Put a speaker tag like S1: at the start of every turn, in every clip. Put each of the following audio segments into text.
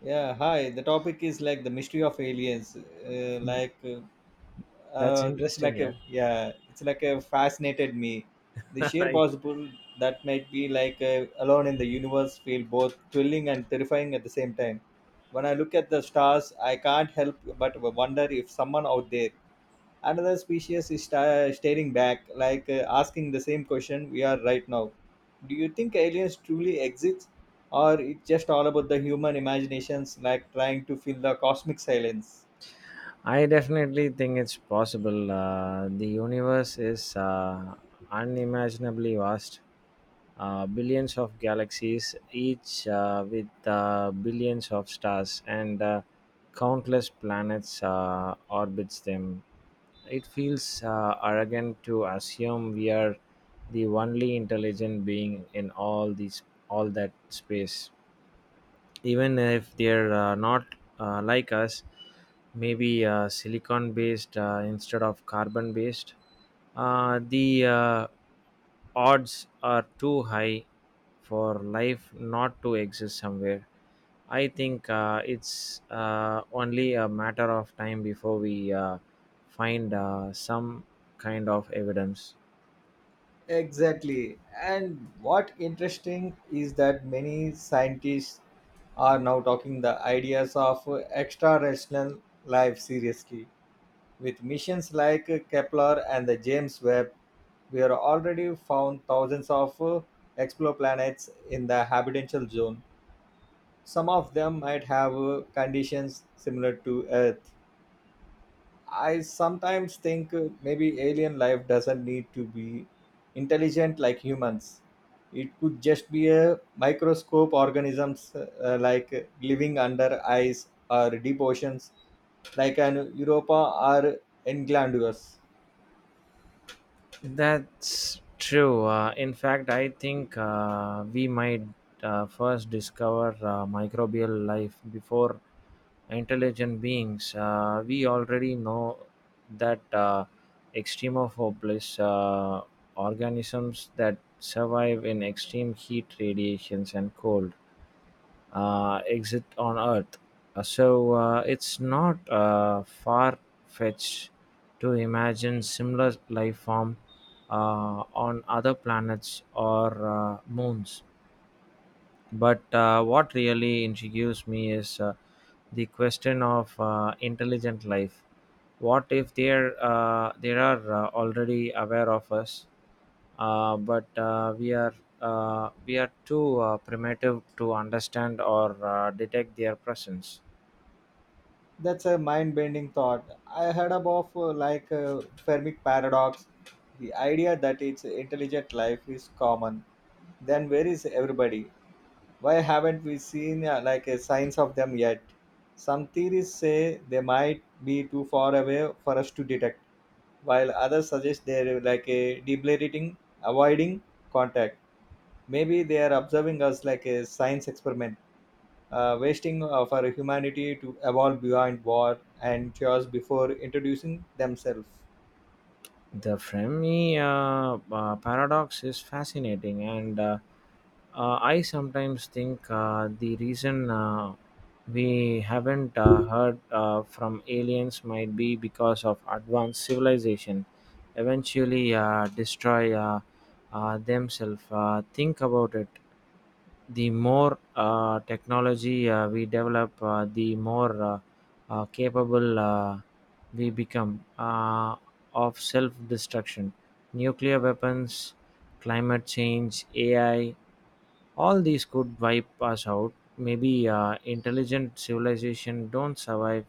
S1: Yeah, hi. The topic is like the mystery of aliens.
S2: Mm, That's
S1: It's
S2: interesting,
S1: like
S2: yeah.
S1: a it's like a fascinated me. The sheer
S2: I,
S1: possible that might be like alone in the universe feel both thrilling and terrifying at the same time. When I look at the stars, I can't help but wonder if someone out there another species is staring back like asking the same question we are right now. Do you think aliens truly exist, or it's just all about the human imaginations like trying to fill the cosmic silence?
S2: I definitely think it's possible. The universe is unimaginably vast. Billions of galaxies, each with billions of stars, and countless planets orbits them. It feels arrogant to assume we are the only intelligent being in all that space. Even if they're not like us, maybe silicon based instead of carbon based. The odds are too high for life not to exist somewhere. I think it's only a matter of time before we uh, find some kind of evidence.
S1: Exactly. And what interesting is that many scientists are now talking the ideas of extra rational life seriously. With missions like Kepler and the James Webb, we've already found thousands of exoplanets in the habitable zone. Some of them might have conditions similar to Earth. I sometimes think maybe alien life doesn't need to be intelligent like humans. It could just be a microscope organisms like living under ice or deep oceans like an Europa or Englandus.
S2: That's true. In fact, I think we might first discover microbial life before intelligent beings. We already know that extremophobic organisms that survive in extreme heat, radiations, and cold exist on Earth. So it's not far fetched to imagine similar life form on other planets or moons. But what really intrigues me is the question of intelligent life. What if they are already aware of us, but we are too primitive to understand or detect their presence.
S1: That's a mind-bending thought. I heard about Fermi paradox, the idea that it's intelligent life is common. Then where is everybody? Why haven't we seen like a signs of them yet? Some theories say they might be too far away for us to detect, while others suggest they're like a deliberating, avoiding contact. Maybe they are observing us like a science experiment, wasting for humanity to evolve beyond war and chaos before introducing themselves.
S2: The Fermi paradox is fascinating, and I sometimes think the reason we haven't heard from aliens might be because of advanced civilization eventually destroy themselves. Think about it. The more technology we develop, the more capable we become of self-destruction. Nuclear weapons, climate change, AI, all these could wipe us out. Maybe intelligent civilization don't survive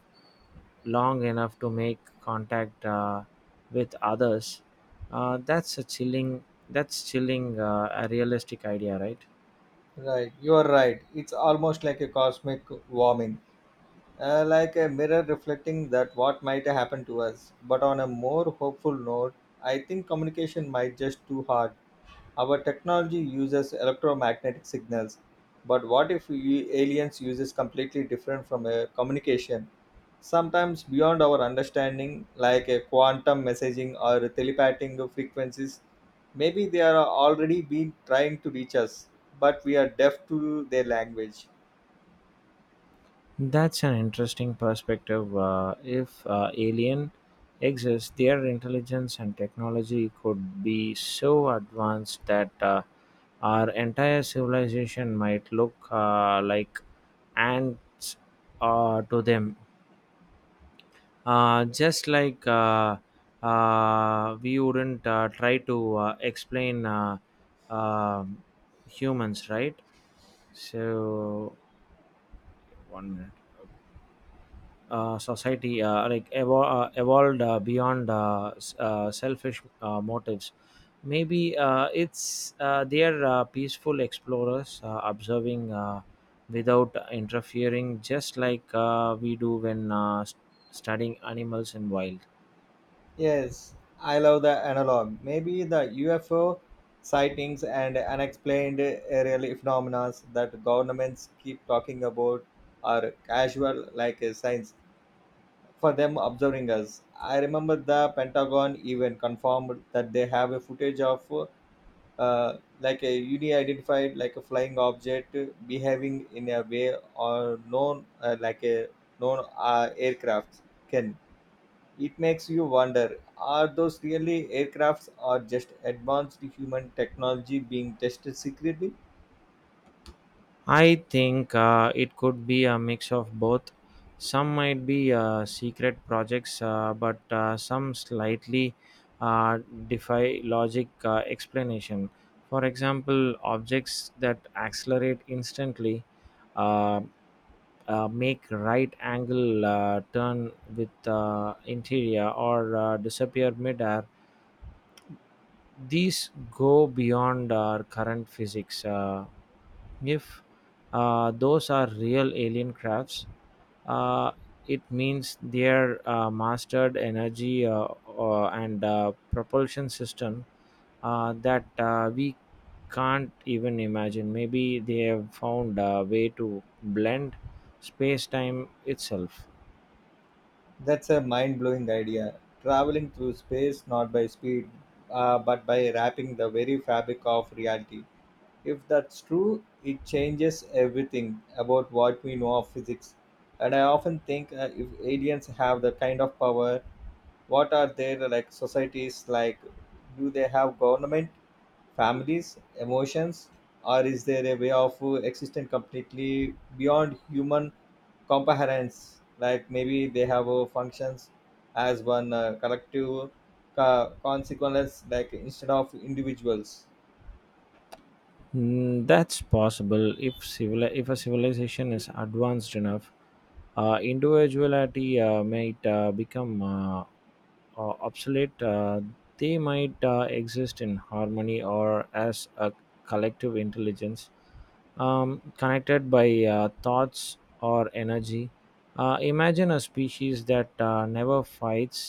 S2: long enough to make contact with others. That's a chilling. That's chilling. A realistic idea, right?
S1: Right, you are right. It's almost like a cosmic warming, like a mirror reflecting that what might happen to us. But on a more hopeful note, I think communication might just too hard. Our technology uses electromagnetic signals, but what if we aliens uses completely different from a communication? Sometimes beyond our understanding, like a quantum messaging or telepathic frequencies, maybe they are already been trying to reach us, but we are deaf to their language.
S2: That's an interesting perspective. If alien exists, their intelligence and technology could be so advanced that our entire civilization might look like ants to them. Just like we wouldn't try to explain um humans, right? So, one minute. Society evolved beyond selfish motives. Maybe it's they are peaceful explorers observing without interfering, just like we do when studying animals in wild.
S1: Yes, I love the analog. Maybe the UFO sightings and unexplained aerial phenomena that governments keep talking about are casual like a science for them observing us. I remember the Pentagon even confirmed that they have a footage of like a unidentified like a flying object behaving in a way or known like a known aircraft can. It makes you wonder, are those really aircrafts or just advanced human technology being tested secretly?
S2: I think it could be a mix of both. Some might be secret projects, but some slightly uh, defy logic explanation. For example, objects that accelerate instantly uh, make right angle turn with interior or disappear midair, these go beyond our current physics. If those are real alien crafts, uh, it means their mastered energy and propulsion system that we can't even imagine. Maybe they have found a way to blend space time itself.
S1: That's a mind blowing idea. Traveling through space not by speed, but by wrapping the very fabric of reality. If that's true, it changes everything about what we know of physics. And I often think, if aliens have the kind of power, what are their like societies like? Do they have government, families, emotions, or is there a way of existing completely beyond human comprehensions, like maybe they have functions as one collective consequence like instead of individuals?
S2: That's possible. If a civilization is advanced enough, individuality might become obsolete. They might exist in harmony or as a collective intelligence, connected by thoughts or energy. Imagine a species that never fights,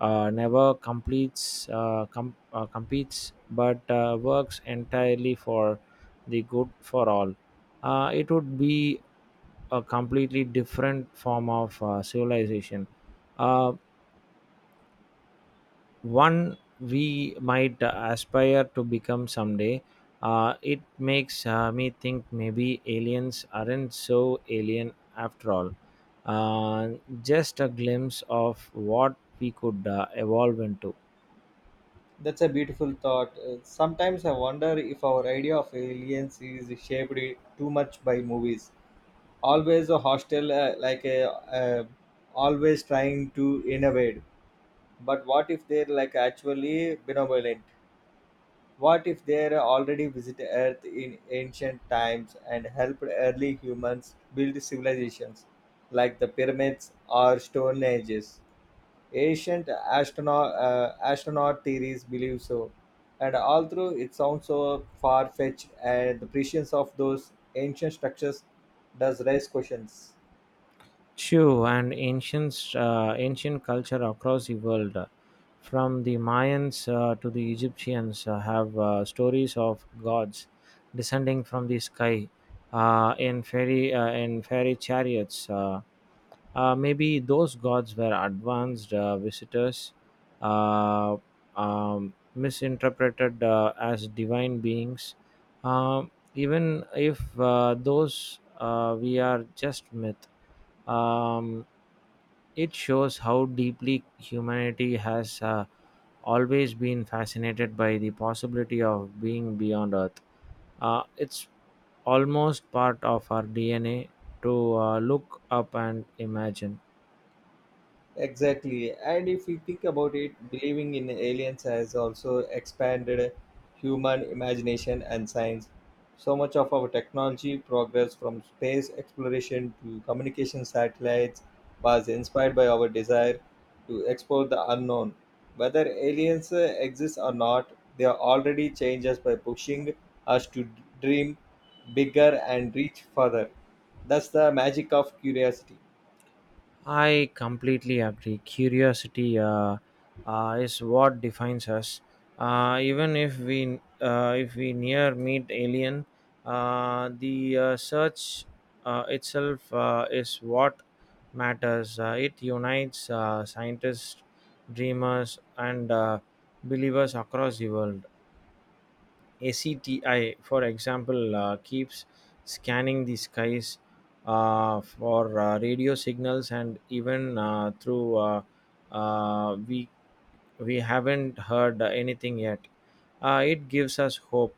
S2: never competes, but works entirely for the good for all. It would be a completely different form of civilization. Uh, One we might aspire to become someday. It makes me think maybe aliens aren't so alien after all. Uh, just a glimpse of what we could evolve into.
S1: That's a beautiful thought. Sometimes I wonder if our idea of aliens is shaped too much by movies, always a hostel always trying to innovate. But what if they're like actually benevolent? What if they're already visited earth in ancient times and helped early humans build civilizations like the pyramids or stone ages? Ancient astronaut astronaut theories believe so, and although it sounds so far-fetched, and the prescience of those ancient structures does raise questions.
S2: Shu and ancient culture across the world, from the Mayans to the Egyptians, have stories of gods descending from the sky in fairy chariots. Maybe those gods were advanced visitors, uh, misinterpreted as divine beings. Um Even if those we are just myth. Um, it shows how deeply humanity has always been fascinated by the possibility of being beyond Earth. It's almost part of our DNA to look up and imagine.
S1: Exactly. And if you think about it, believing in aliens has also expanded human imagination and science. So much of our technology progress, from space exploration to communication satellites, was inspired by our desire to explore the unknown. Whether aliens exist or not, they are already change us by pushing us to dream bigger and reach further. That's the magic of curiosity.
S2: I completely agree. Curiosity is what defines us. Even if we near meet alien, the search itself is what matters. It unites scientists, dreamers, and believers across the world. ACTI, for example, keeps scanning the skies for radio signals, and even through uh, we we haven't heard anything yet. It gives us hope.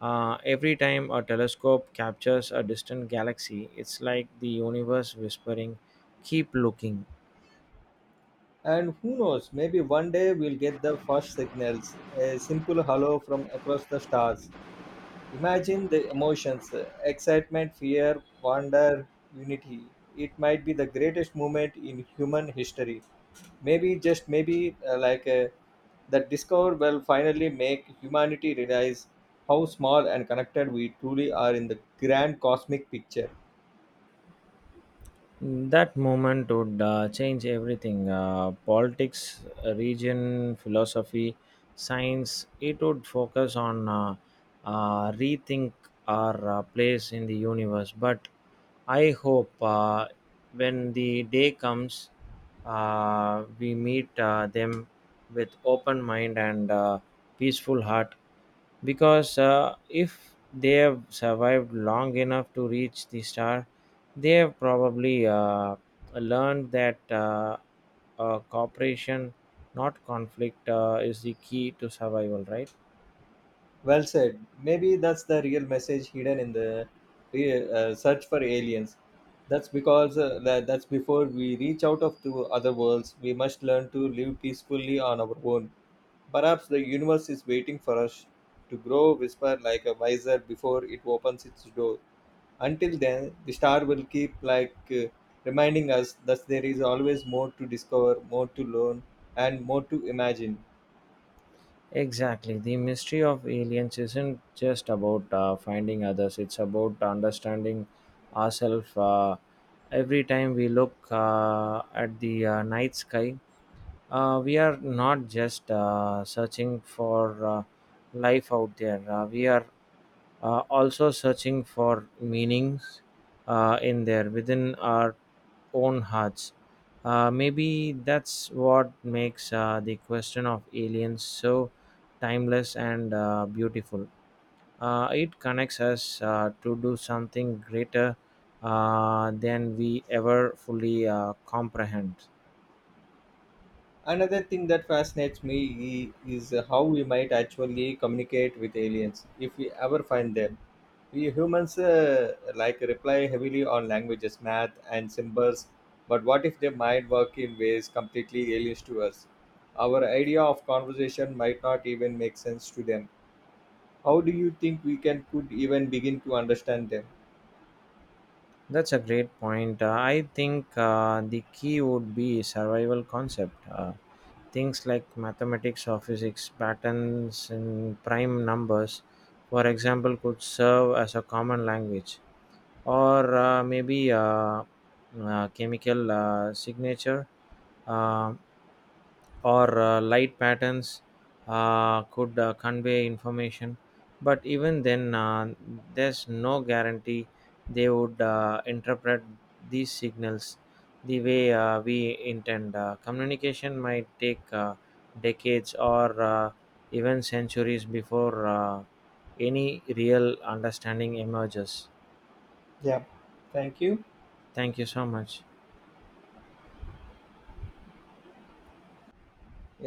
S2: Every time a telescope captures a distant galaxy, it's like the universe whispering, "Keep looking."
S1: And who knows, maybe one day we'll get the first signals, a simple hello from across the stars. Imagine the emotions: excitement, fear, wonder, unity. It might be the greatest moment in human history. Maybe, just maybe, that discovery will finally make humanity realize how small and connected we truly are in the grand cosmic picture.
S2: That moment would change everything: politics, region, philosophy, science. It would focus on rethink our place in the universe. But I hope when the day comes, we meet them with open mind and peaceful heart, because if they have survived long enough to reach the star, they have probably learned that cooperation, not conflict, is the key to survival, right?
S1: Well said. Maybe that's the real message hidden in the search for aliens. That's because that's before we reach out of to other worlds, we must learn to live peacefully on our own. Perhaps the universe is waiting for us to grow, whisper like a visor before it opens its door. Until then, the star will keep reminding us that there is always more to discover, more to learn, and more to imagine.
S2: Exactly. The mystery of aliens isn't just about finding others, it's about understanding ourselves. Every time we look at the night sky, we are not just searching for life out there, we are also searching for meanings in there within our own hearts. Maybe that's what makes the question of aliens so timeless and beautiful. It connects us to do something greater than we ever fully comprehend.
S1: Another thing that fascinates me is how we might actually communicate with aliens if we ever find them. We humans like rely heavily on languages, math, and symbols, but what if they might work in ways completely alien to us? Our idea of conversation might not even make sense to them. How do you think we can could even begin to understand them?
S2: That's a great point. I think the key would be survival concept. Things like mathematics or physics, patterns in prime numbers, for example, could serve as a common language, or maybe chemical signature uh, or light patterns could convey information. But even then, there's no guarantee they would interpret these signals the way we intend. Communication might take decades or even centuries before any real understanding emerges.
S1: Yeah, thank you.
S2: Thank you so much.